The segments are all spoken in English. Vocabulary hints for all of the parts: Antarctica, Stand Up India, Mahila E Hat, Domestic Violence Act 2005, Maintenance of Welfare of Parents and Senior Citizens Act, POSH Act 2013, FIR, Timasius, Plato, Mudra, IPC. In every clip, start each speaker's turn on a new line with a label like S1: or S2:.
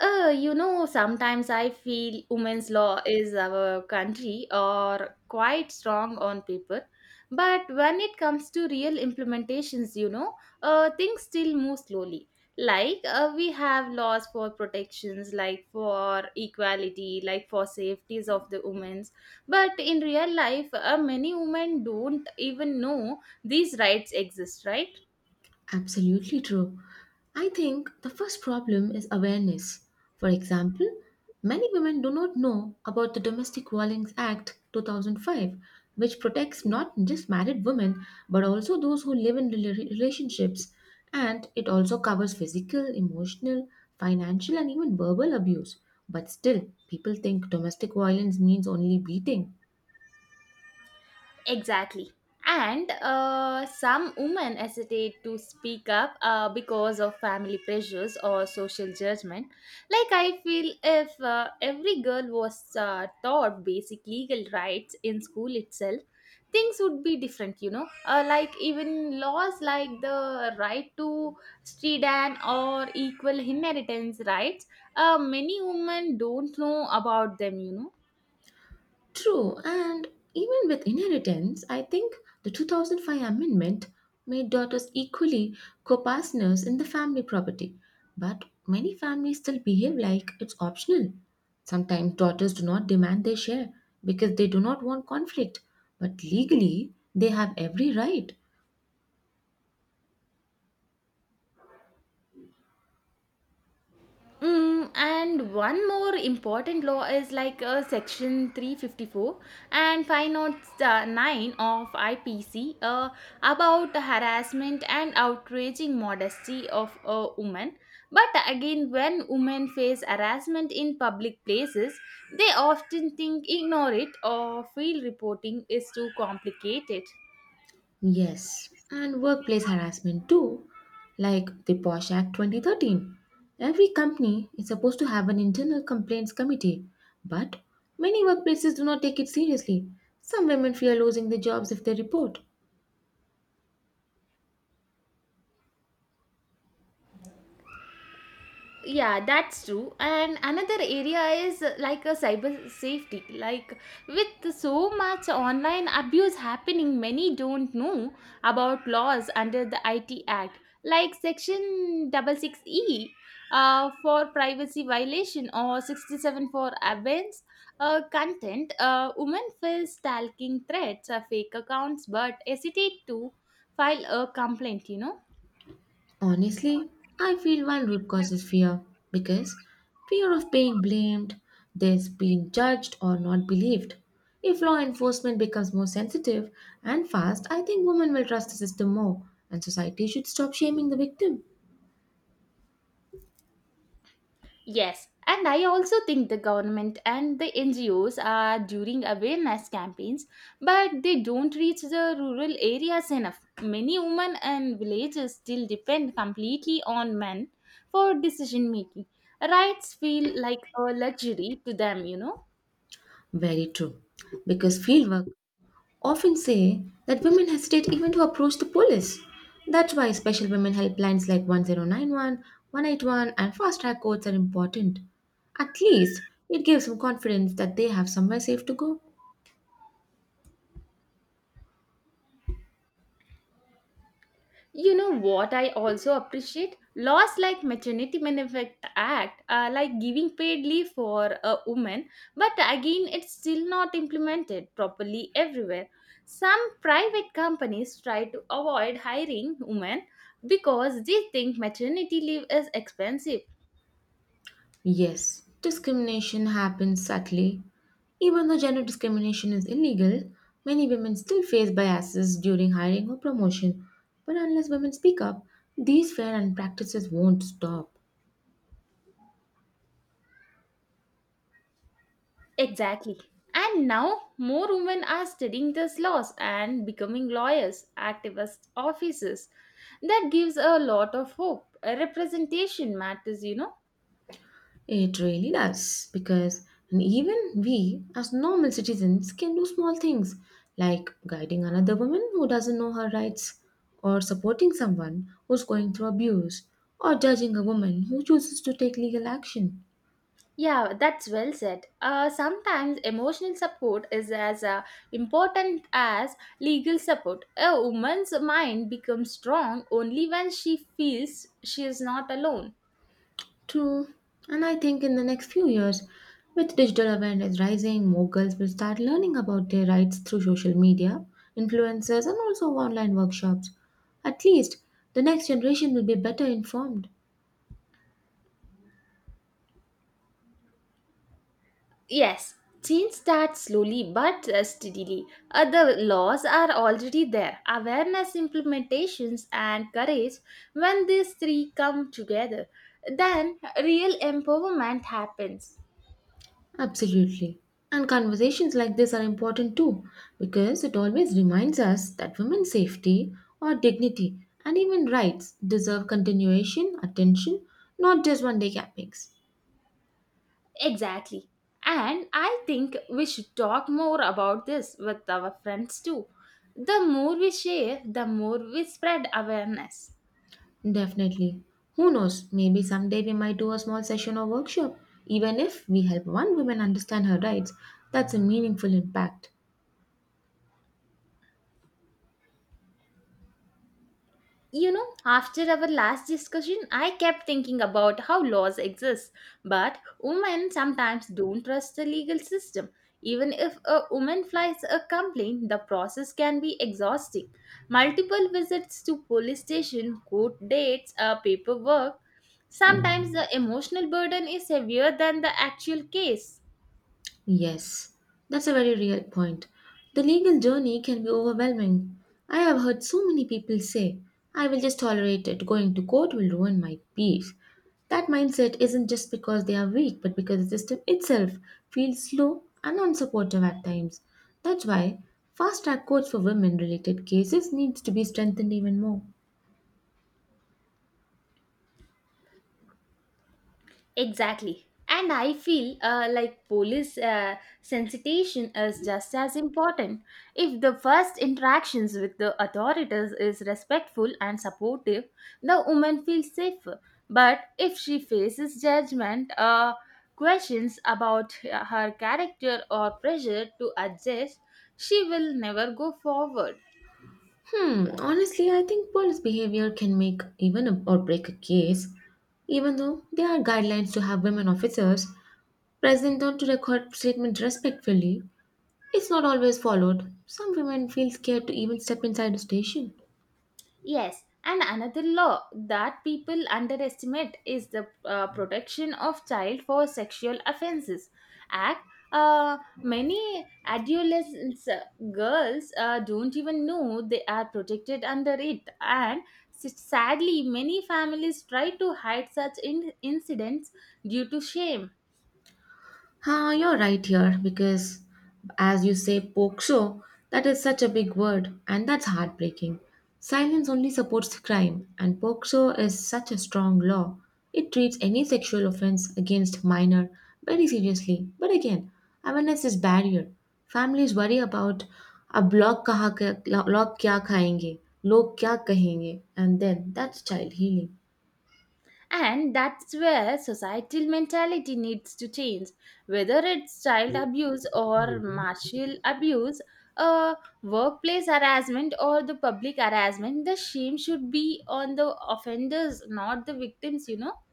S1: Sometimes I feel women's law is our country or quite strong on paper. But when it comes to real implementations, things still move slowly. Like we have laws for protections, like for equality, like for safeties of the women's. But in real life, many women don't even know these rights exist, right?
S2: Absolutely true. I think the first problem is awareness. For example, many women do not know about the Domestic Violence Act 2005, which protects not just married women but also those who live in relationships. And it also covers physical, emotional, financial, and even verbal abuse. But still, people think domestic violence means only beating.
S1: Exactly. And some women hesitate to speak up because of family pressures or social judgment. Like, I feel if every girl was taught basic legal rights in school itself, things would be different, you know. Like, even laws like the right to stredan or equal inheritance rights, many women don't know about them, you know.
S2: True, and even with inheritance, I think the 2005 amendment made daughters equally co-partners in the family property. But many families still behave like it's optional. Sometimes daughters do not demand their share because they do not want conflict, but legally they have every right.
S1: Mm, and one more important law is like section 354 and five notes nine of IPC, about harassment and outraging modesty of a woman. But again, when women face harassment in public places, they often think ignore it or feel reporting is too complicated.
S2: Yes, and workplace harassment too, like the Posh Act 2013. Every company is supposed to have an internal complaints committee, but many workplaces do not take it seriously. Some women fear losing their jobs if they report.
S1: Yeah, that's true. And another area is like a cyber safety, like with so much online abuse happening, many don't know about laws under the it act, like section 66E, for privacy violation, or 67 for abuse content. Women face stalking threats, fake accounts, but hesitate to file a complaint, you know.
S2: Honestly, I feel one root cause is fear because fear of being blamed, this being judged or not believed. If law enforcement becomes more sensitive and fast, I think women will trust the system more, and society should stop shaming the victim.
S1: Yes, and I also think the government and the NGOs are during awareness campaigns, but they don't reach the rural areas enough. Many women and villages still depend completely on men for decision making. Rights feel like a luxury to them, you know.
S2: Very true. Because fieldwork often say that women hesitate even to approach the police. That's why special women helplines like 1091, 181, and fast track codes are important. At least it gives them confidence that they have somewhere safe to go.
S1: You know what I also appreciate? Laws like maternity benefit act are like giving paid leave for a woman, but again it's still not implemented properly everywhere. Some private companies try to avoid hiring women because they think maternity leave is expensive.
S2: Yes, discrimination happens subtly. Even though gender discrimination is illegal, many women still face biases during hiring or promotion. But unless women speak up, these fair and practices won't stop.
S1: Exactly. And now more women are studying these laws and becoming lawyers, activists, officers. That gives a lot of hope. Representation matters, you know.
S2: It really does, because even we, as normal citizens, can do small things like guiding another woman who doesn't know her rights, or supporting someone who's going through abuse, or judging a woman who chooses to take legal action.
S1: Yeah, that's well said. Sometimes emotional support is as important as legal support. A woman's mind becomes strong only when she feels she is not alone.
S2: True, and I think in the next few years, with digital awareness rising, more girls will start learning about their rights through social media, influencers, and also online workshops. At least, the next generation will be better informed.
S1: Yes, change starts slowly but steadily. Other laws are already there. Awareness, implementations, and courage, when these three come together, then real empowerment happens.
S2: Absolutely. And conversations like this are important too, because it always reminds us that women's safety or dignity and even rights deserve continuation, attention, not just one day cappings.
S1: Exactly. And I think we should talk more about this with our friends too. The more we share, the more we spread awareness.
S2: Definitely. Who knows, maybe someday we might do a small session or workshop. Even if we help one woman understand her rights, that's a meaningful impact.
S1: You know, after our last discussion, I kept thinking about how laws exist, but women sometimes don't trust the legal system. Even if a woman files a complaint, the process can be exhausting. Multiple visits to police station, court dates, paperwork. Sometimes the emotional burden is heavier than the actual case.
S2: Yes, that's a very real point. The legal journey can be overwhelming. I have heard so many people say, I will just tolerate it, going to court will ruin my peace. That mindset isn't just because they are weak, but because the system itself feels slow and unsupportive at times. That's why fast track courts for women related cases needs to be strengthened even more.
S1: Exactly. And I feel like police sensitization is just as important. If the first interactions with the authorities is respectful and supportive, the woman feels safer. But if she faces judgment, questions about her character or pressure to adjust, she will never go forward.
S2: Hmm, honestly, I think police behavior can make or break a case. Even though there are guidelines to have women officers, present them to record treatment respectfully. It's not always followed. Some women feel scared to even step inside a station.
S1: Yes, and another law that people underestimate is the protection of child for sexual offenses act. Many adolescents girls don't even know they are protected under it, and sadly, many families try to hide such incidents due to shame.
S2: Ah, you're right here because, as you say, poke show, that is such a big word and that's heartbreaking. Silence only supports crime, and poke show is such a strong law. It treats any sexual offense against minor very seriously. But again, awareness is barrier. Families worry about ab log log kya khayenge, log kya kahenge, and then that's child healing.
S1: And that's where societal mentality needs to change. Whether it's child abuse or martial abuse, uh, workplace harassment or the public harassment, the shame should be on the offenders, not the victims, you know.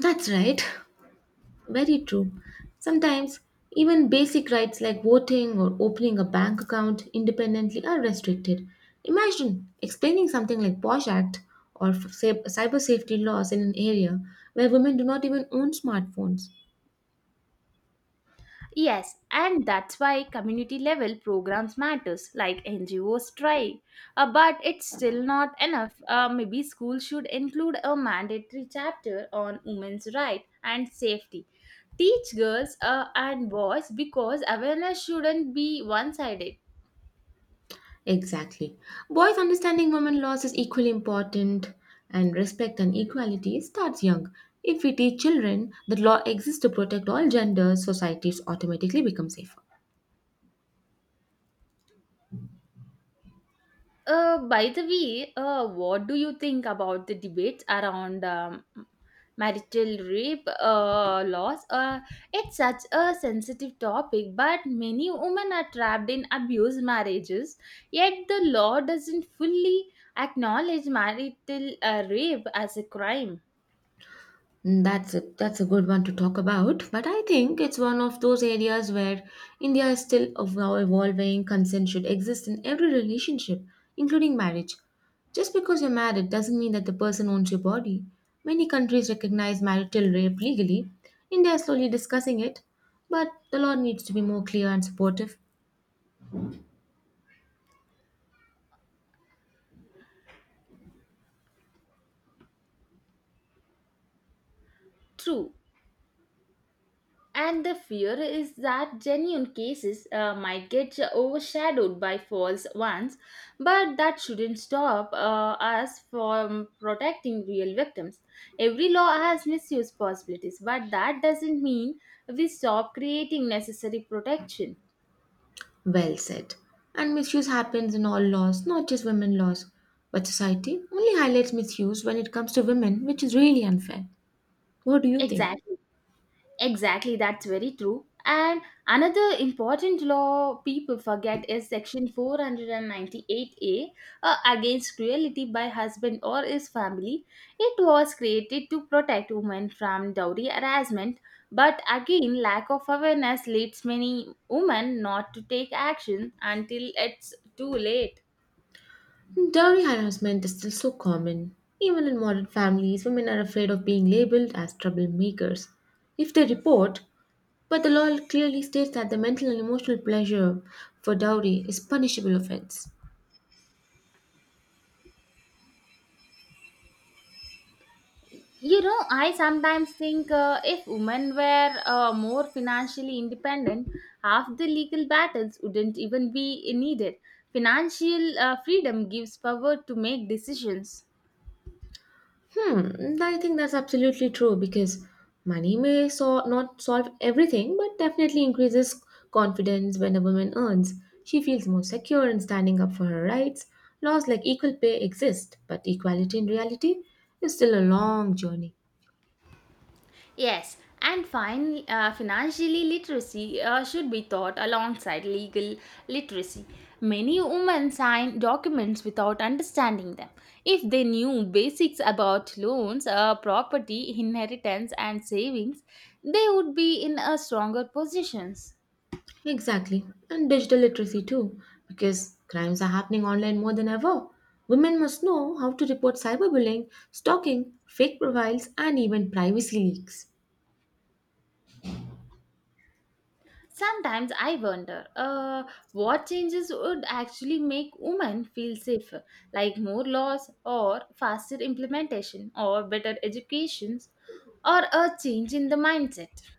S2: That's right. Very true. Sometimes, even basic rights like voting or opening a bank account independently are restricted. Imagine explaining something like POSH Act or cyber safety laws in an area where women do not even own smartphones.
S1: Yes, and that's why community level programs matters like NGOs try. But it's still not enough. Maybe school should include a mandatory chapter on women's rights and safety. Teach girls and boys, because awareness shouldn't be one-sided.
S2: Exactly. Boys understanding women laws is equally important, and respect and equality starts young. If we teach children that law exists to protect all genders, societies automatically become safer.
S1: By the way, what do you think about the debates around marital rape laws? It's such a sensitive topic, but many women are trapped in abused marriages, yet the law doesn't fully acknowledge marital rape as a crime.
S2: Mm, that's a good one to talk about, but I think it's one of those areas where India is still evolving. Consent should exist in every relationship, including marriage. Just because you're married doesn't mean that the person owns your body. Many countries recognize marital rape legally. India is slowly discussing it, but the law needs to be more clear and supportive.
S1: True. And the fear is that genuine cases might get overshadowed by false ones, but that shouldn't stop us from protecting real victims. Every law has misuse possibilities, but that doesn't mean we stop creating necessary protection.
S2: Well said. And misuse happens in all laws, not just women laws. But society only highlights misuse when it comes to women, which is really unfair. What do you think?
S1: Exactly. Exactly, that's very true. And another important law people forget is Section 498A, against cruelty by husband or his family. It was created to protect women from dowry harassment, but again, lack of awareness leads many women not to take action until it's too late.
S2: Dowry harassment is still so common. Even in modern families, women are afraid of being labeled as troublemakers if they report, but the law clearly states that the mental and emotional pleasure for dowry is punishable offense.
S1: You know, I sometimes think if women were more financially independent, half the legal battles wouldn't even be needed. Financial freedom gives power to make decisions.
S2: Hmm, I think that's absolutely true because money may so not solve everything, but definitely increases confidence when a woman earns. She feels more secure in standing up for her rights. Laws like equal pay exist, but equality in reality is still a long journey.
S1: Yes, and financially literacy should be taught alongside legal literacy. Many women sign documents without understanding them. If they knew basics about loans, property, inheritance, and savings, they would be in a stronger positions.
S2: Exactly, and digital literacy too, because crimes are happening online more than ever. Women must know how to report cyberbullying, stalking, fake profiles, and even privacy leaks.
S1: Sometimes I wonder what changes would actually make women feel safer, like more laws or faster implementation or better educations or a change in the mindset.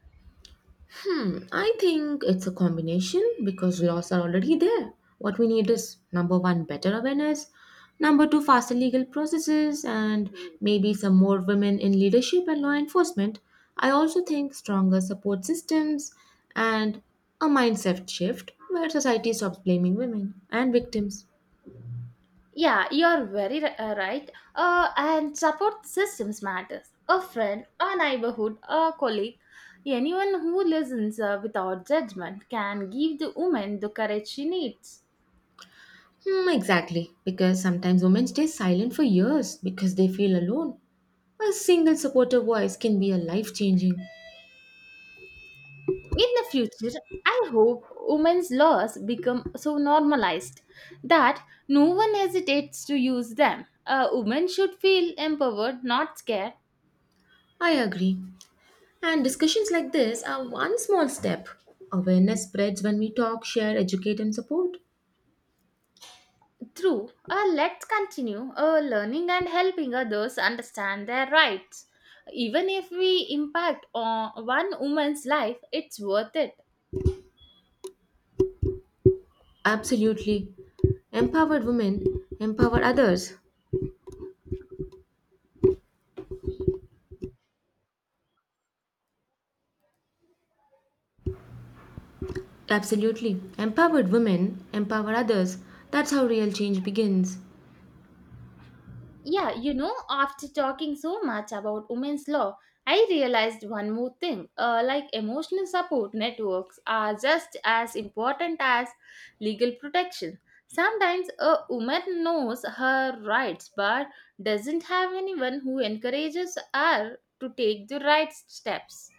S2: Hmm, I think it's a combination because laws are already there. What we need is number one, better awareness, number two, faster legal processes, and maybe some more women in leadership and law enforcement. I also think stronger support systems and a mindset shift where society stops blaming women and victims.
S1: Yeah, you're very right. And support systems matters. A friend, a neighborhood, a colleague, anyone who listens without judgment can give the woman the courage she needs.
S2: Hmm, exactly, because sometimes women stay silent for years because they feel alone. A single supportive voice can be a life changing.
S1: In the future, I hope women's laws become so normalized that no one hesitates to use them. A woman should feel empowered, not scared.
S2: I agree. And discussions like this are one small step. Awareness spreads when we talk, share, educate, and support.
S1: Through, let's continue learning and helping others understand their rights. Even if we impact on one woman's life, it's worth it.
S2: Absolutely. Empowered women empower others. Absolutely. Empowered women empower others. That's how real change begins.
S1: Yeah, you know, after talking so much about women's law, I realized one more thing. Like emotional support networks are just as important as legal protection. Sometimes a woman knows her rights but doesn't have anyone who encourages her to take the right steps.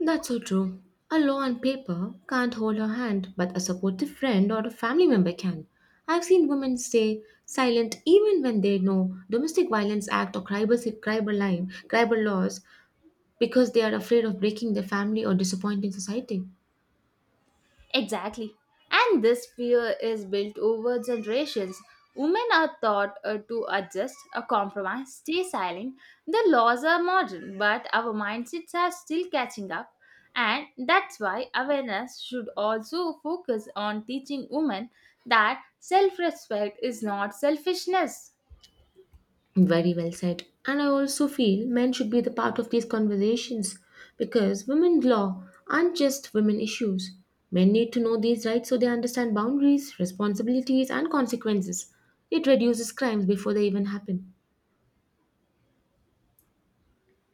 S2: That's so true. A law on paper can't hold her hand, but a supportive friend or a family member can. I've seen women stay silent even when they know domestic violence act or cyber crime, cyber laws, because they are afraid of breaking their family or disappointing society.
S1: Exactly. And this fear is built over generations. Women are taught to adjust, compromise, stay silent. The laws are modern, but our mindsets are still catching up. And that's why awareness should also focus on teaching women that self respect is not selfishness.
S2: Very well said. And I also feel men should be the part of these conversations because women's law aren't just women issues. Men need to know these rights so they understand boundaries, responsibilities, and consequences. It reduces crimes before they even happen.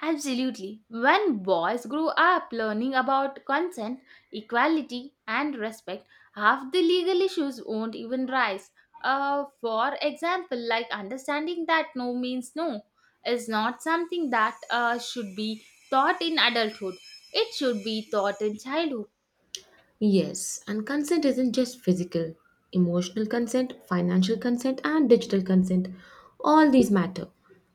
S1: Absolutely. When boys grow up learning about consent, equality, and respect, half the legal issues won't even rise. For example, like understanding that no means no is not something that should be taught in adulthood, it should be taught in childhood.
S2: Yes, and consent isn't just physical. Emotional consent, financial consent, and digital consent, all these matter.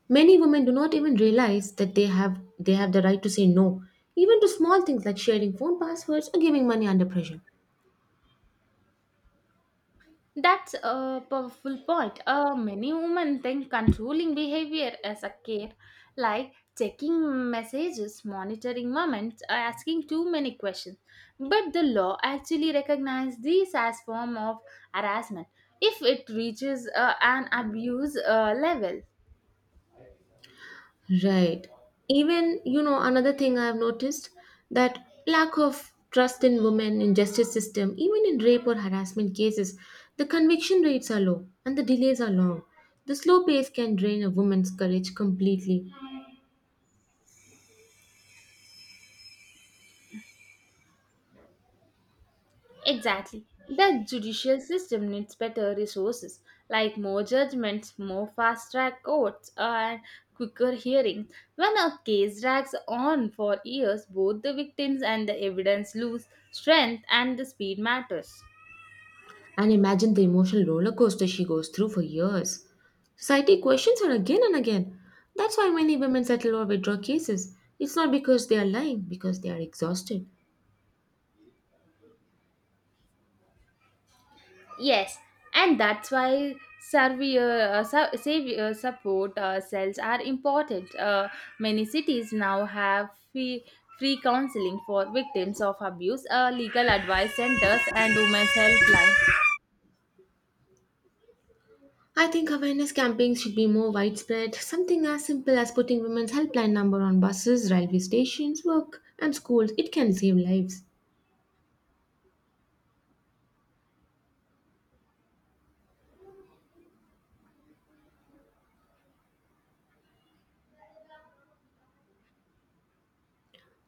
S2: Many women do not even realize that they have the right to say no, even to small things like sharing phone passwords or giving money under pressure.
S1: That's a powerful point. Many women think controlling behavior as a care, like checking messages, monitoring moments, or asking too many questions. But the law actually recognizes these as form of harassment if it reaches an abuse level.
S2: Right. Even, you know, another thing I've noticed that lack of trust in women in justice system, even in rape or harassment cases, the conviction rates are low and the delays are long. The slow pace can drain a woman's courage completely.
S1: Exactly. The judicial system needs better resources like more judgments, more fast track courts, and quicker hearings. When a case drags on for years, both the victims and the evidence lose strength and the speed matters.
S2: And imagine the emotional roller coaster she goes through for years. Society questions her again and again. That's why many women settle or withdraw cases. It's not because they are lying, because they are exhausted.
S1: Yes, and that's why savior support cells are important. Many cities now have free counseling for victims of abuse, legal advice centers, and women's helpline.
S2: I think awareness campaigns should be more widespread. Something as simple as putting women's helpline number on buses, railway stations, work, and schools, it can save lives.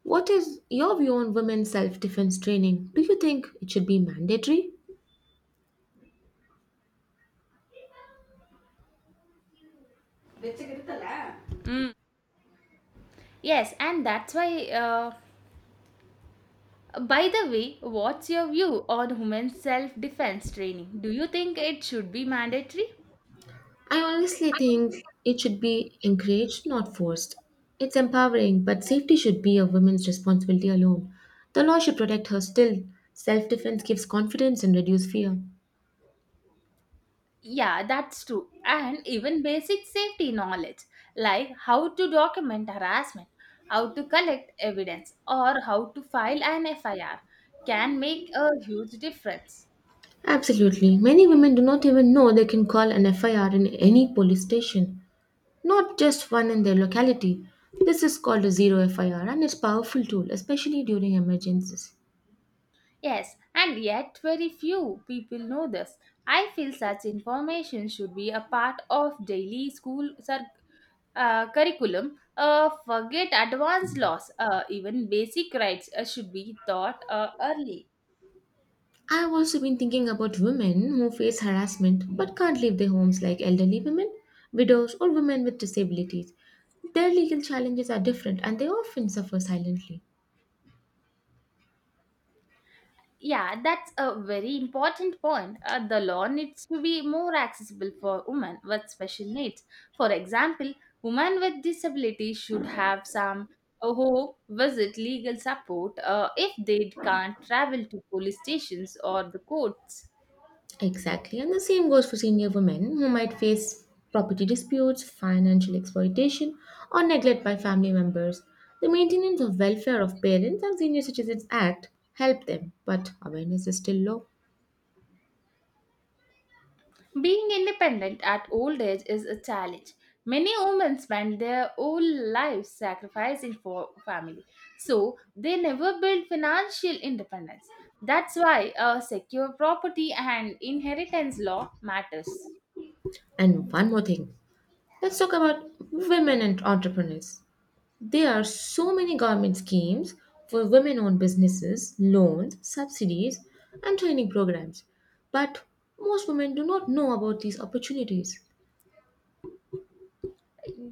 S2: What is your view on women's self defense training? Do you think it should be mandatory?
S1: Mm. Yes, and that's why. By the way, what's your view on women's self defense training? Do you think it should be mandatory?
S2: I honestly think it should be encouraged, not forced. It's empowering, but safety should be a woman's responsibility alone. The law should protect her still. Self defense gives confidence and reduce fear.
S1: Yeah, that's true. And even basic safety knowledge, like how to document harassment, how to collect evidence, or how to file an FIR, can make a huge difference.
S2: Absolutely. Many women do not even know they can call an FIR in any police station, not just one in their locality. This is called a zero FIR and it's a powerful tool, especially during emergencies.
S1: Yes, and yet very few people know this. I feel such information should be a part of daily school curriculum. Forget advanced laws, even basic rights should be taught early.
S2: I've also been thinking about women who face harassment but can't leave their homes, like elderly women, widows, or women with disabilities. Their legal challenges are different and they often suffer silently.
S1: Yeah, that's a very important point. The law needs to be more accessible for women with special needs. For example, women with disabilities should have some who visit legal support if they can't travel to police stations or the courts.
S2: Exactly. And the same goes for senior women who might face property disputes, financial exploitation, or neglect by family members. The Maintenance of Welfare of Parents and Senior Citizens Act help them, but awareness is still low.
S1: Being independent at old age is a challenge. Many women spend their whole lives sacrificing for family, so they never build financial independence. That's why a secure property and inheritance law matters.
S2: And one more thing, let's talk about women and entrepreneurs. There are so many government schemes for women-owned businesses, loans, subsidies, and training programs, but most women do not know about these opportunities.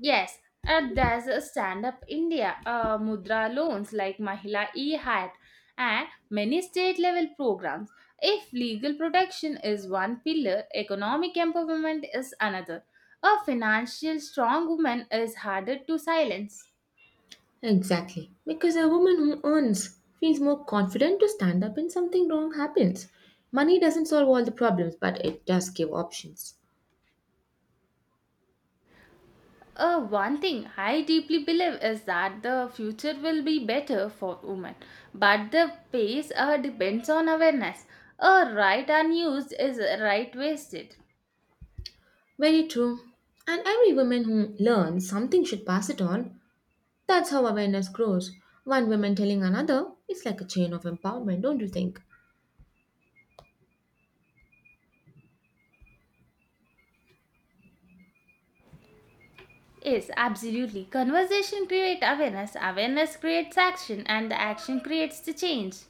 S1: Yes, there's a Stand Up India, Mudra loans like Mahila E Hat, and many state level programs. If legal protection is one pillar, economic empowerment is another. A financial strong woman is harder to silence.
S2: Exactly. Because a woman who earns feels more confident to stand up when something wrong happens. Money doesn't solve all the problems, but it does give options.
S1: One thing I deeply believe is that the future will be better for women, but the pace depends on awareness. A right unused is a right wasted.
S2: Very true. And every woman who learns something should pass it on. That's how awareness grows. One woman telling another, it's like a chain of empowerment, don't you think?
S1: Yes, absolutely. Conversation creates awareness, awareness creates action, and the action creates the change.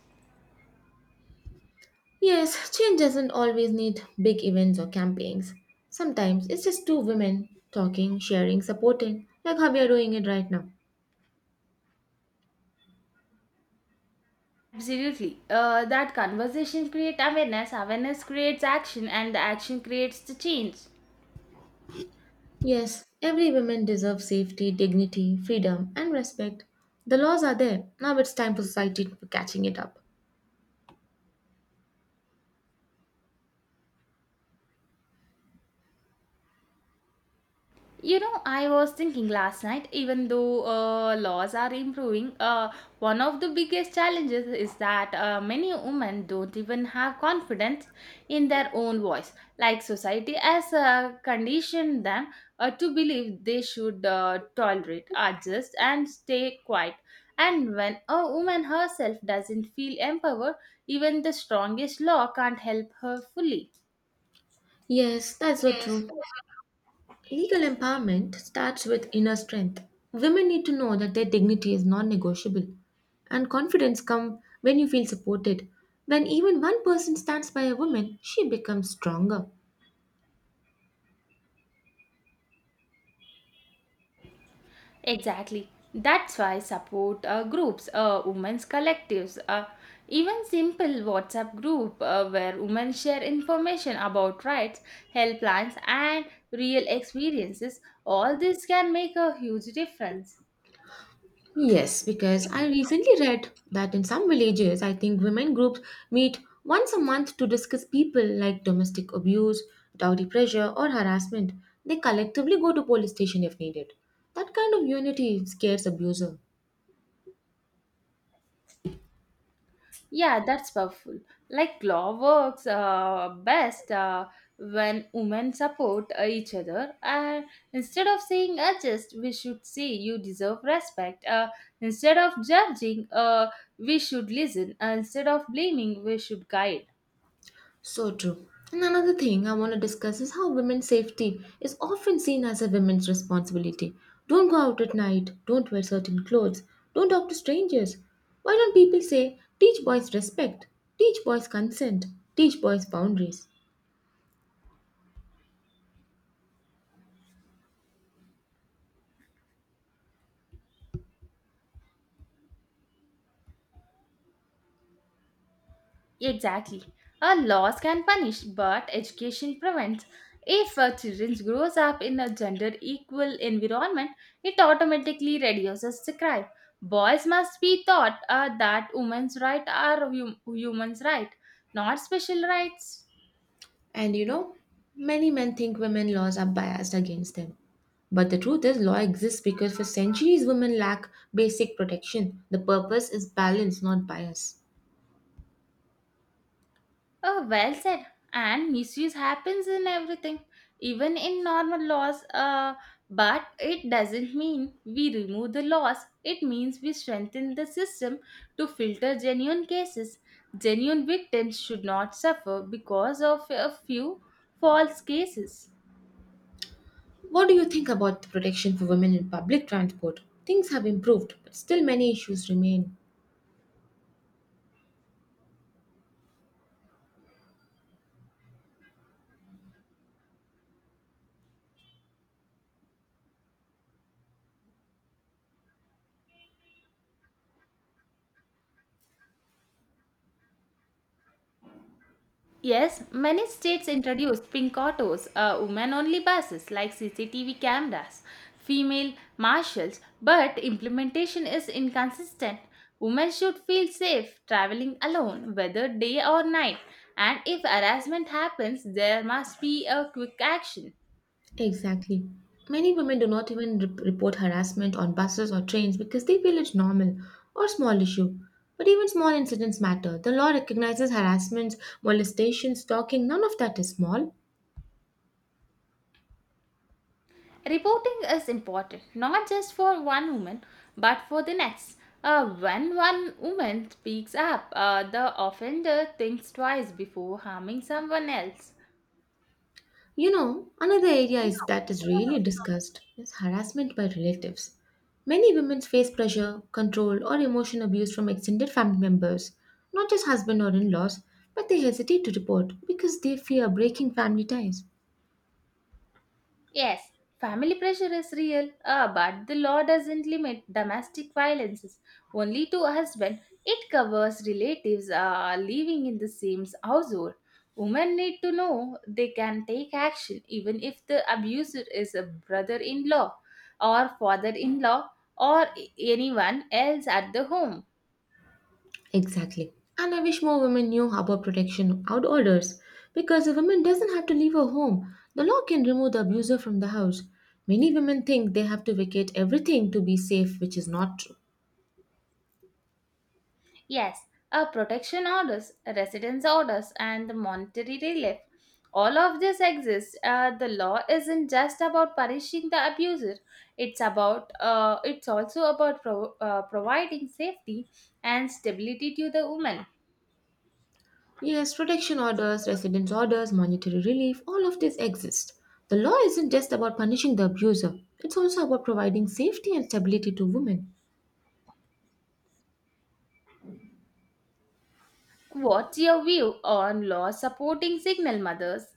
S2: Yes, change doesn't always need big events or campaigns. Sometimes it's just two women talking, sharing, supporting, like how we are doing it right now.
S1: Absolutely. That conversation creates awareness, awareness creates action, and the action creates the change.
S2: Yes, every woman deserves safety, dignity, freedom, and respect. The laws are there. Now it's time for society to be catching it up.
S1: You know, I was thinking last night, even though laws are improving, one of the biggest challenges is that many women don't even have confidence in their own voice. Like society has conditioned them to believe they should tolerate, adjust, and stay quiet. And when a woman herself doesn't feel empowered, even the strongest law can't help her fully.
S2: Yes, that's so true. Legal empowerment starts with inner strength. Women need to know that their dignity is non negotiable. And confidence comes when you feel supported. When even one person stands by a woman, she becomes stronger.
S1: Exactly. That's why support groups, women's collectives, even simple WhatsApp group where women share information about rights, health plans, and real experiences. All this can make a huge difference.
S2: Yes, because I recently read that in some villages, I think women groups meet once a month to discuss people like domestic abuse, dowry pressure, or harassment. They collectively go to police station if needed. That kind of unity scares abuser.
S1: Yeah, that's powerful. Like law works best when women support each other. And instead of saying adjust, we should say you deserve respect. Instead of judging, we should listen. Instead of blaming, we should guide.
S2: So true. And another thing I want to discuss is how women's safety is often seen as a women's responsibility. Don't go out at night, don't wear certain clothes, don't talk to strangers. Why don't people say, teach boys respect, teach boys consent, teach boys boundaries?
S1: Exactly. A laws can punish, but education prevents. If a children grows up in a gender equal environment, it automatically reduces the crime. Boys must be taught that women's rights are human's right, not special rights.
S2: And you know, many men think women laws are biased against them. But the truth is, law exists because for centuries women lack basic protection. The purpose is balance, not bias.
S1: Oh, well said. And misuse happens in everything, even in normal laws. But it doesn't mean we remove the laws. It means we strengthen the system to filter genuine cases. Genuine victims should not suffer because of a few false cases.
S2: What do you think about the protection for women in public transport? Things have improved, but still many issues remain.
S1: Yes, many states introduced pink autos, women only buses like CCTV cameras, female marshals, but implementation is inconsistent. Women should feel safe traveling alone, whether day or night, and if harassment happens, there must be a quick action.
S2: Exactly. Many women do not even report harassment on buses or trains because they feel it's normal or small issue. But even small incidents matter. The law recognizes harassments, molestations, stalking, none of that is small.
S1: Reporting is important not just for one woman but for the next. When one woman speaks up, the offender thinks twice before harming someone else.
S2: You know, another area is that is really discussed is harassment by relatives. Many women face pressure, control, or emotional abuse from extended family members, not just husband or in-laws, but they hesitate to report because they fear breaking family ties.
S1: Yes, family pressure is real. Ah, but the law doesn't limit domestic violence only to husband. It covers relatives living in the same household. Women need to know they can take action even if the abuser is a brother in law or father in law or anyone else at the home.
S2: Exactly. And I wish more women knew about protection out orders because a woman doesn't have to leave her home. The law can remove the abuser from the house. Many women think they have to vacate everything to be safe, which is not true.
S1: Yes, a protection orders, residence orders, and the monetary relief. All of this exists. The law isn't just about punishing the abuser. It's also about providing safety and stability to the woman.
S2: Yes, protection orders, residence orders, monetary relief, all of this exist. The law isn't just about punishing the abuser, it's also about providing safety and stability to women.
S1: What's your view on law supporting single mothers?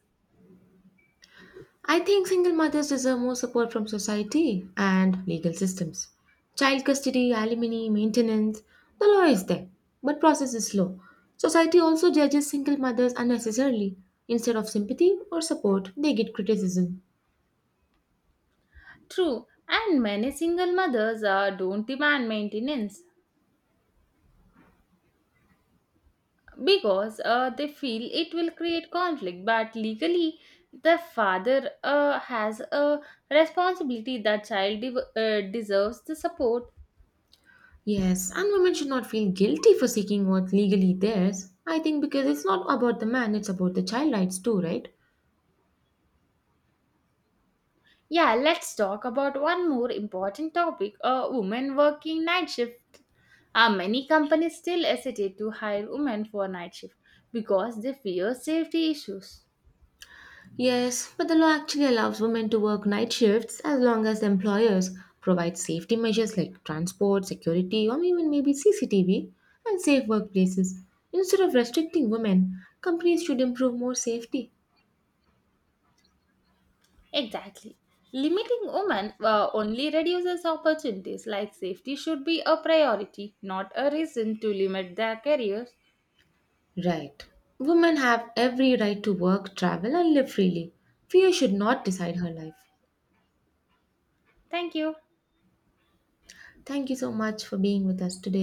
S2: I think single mothers deserve more support from society and legal systems. Child custody, alimony, maintenance, the law is there, but process is slow. Society also judges single mothers unnecessarily. Instead of sympathy or support, they get criticism.
S1: True, and many single mothers don't demand maintenance, because they feel it will create conflict, but legally the father has a responsibility that child deserves the support.
S2: Yes, and women should not feel guilty for seeking what legally theirs. I think because it's not about the man, it's about the child rights too, right?
S1: Yeah, let's talk about one more important topic. Women working night shift, many companies still hesitate to hire women for night shift because they fear safety issues.
S2: Yes, but the law actually allows women to work night shifts as long as the employers provide safety measures like transport, security, or even maybe CCTV and safe workplaces. Instead of restricting women, companies should improve more safety.
S1: Exactly. Limiting women only reduces opportunities, like safety should be a priority, not a reason to limit their careers.
S2: Right. Women have every right to work, travel, and live freely. Fear should not decide her life.
S1: Thank you.
S2: Thank you so much for being with us today.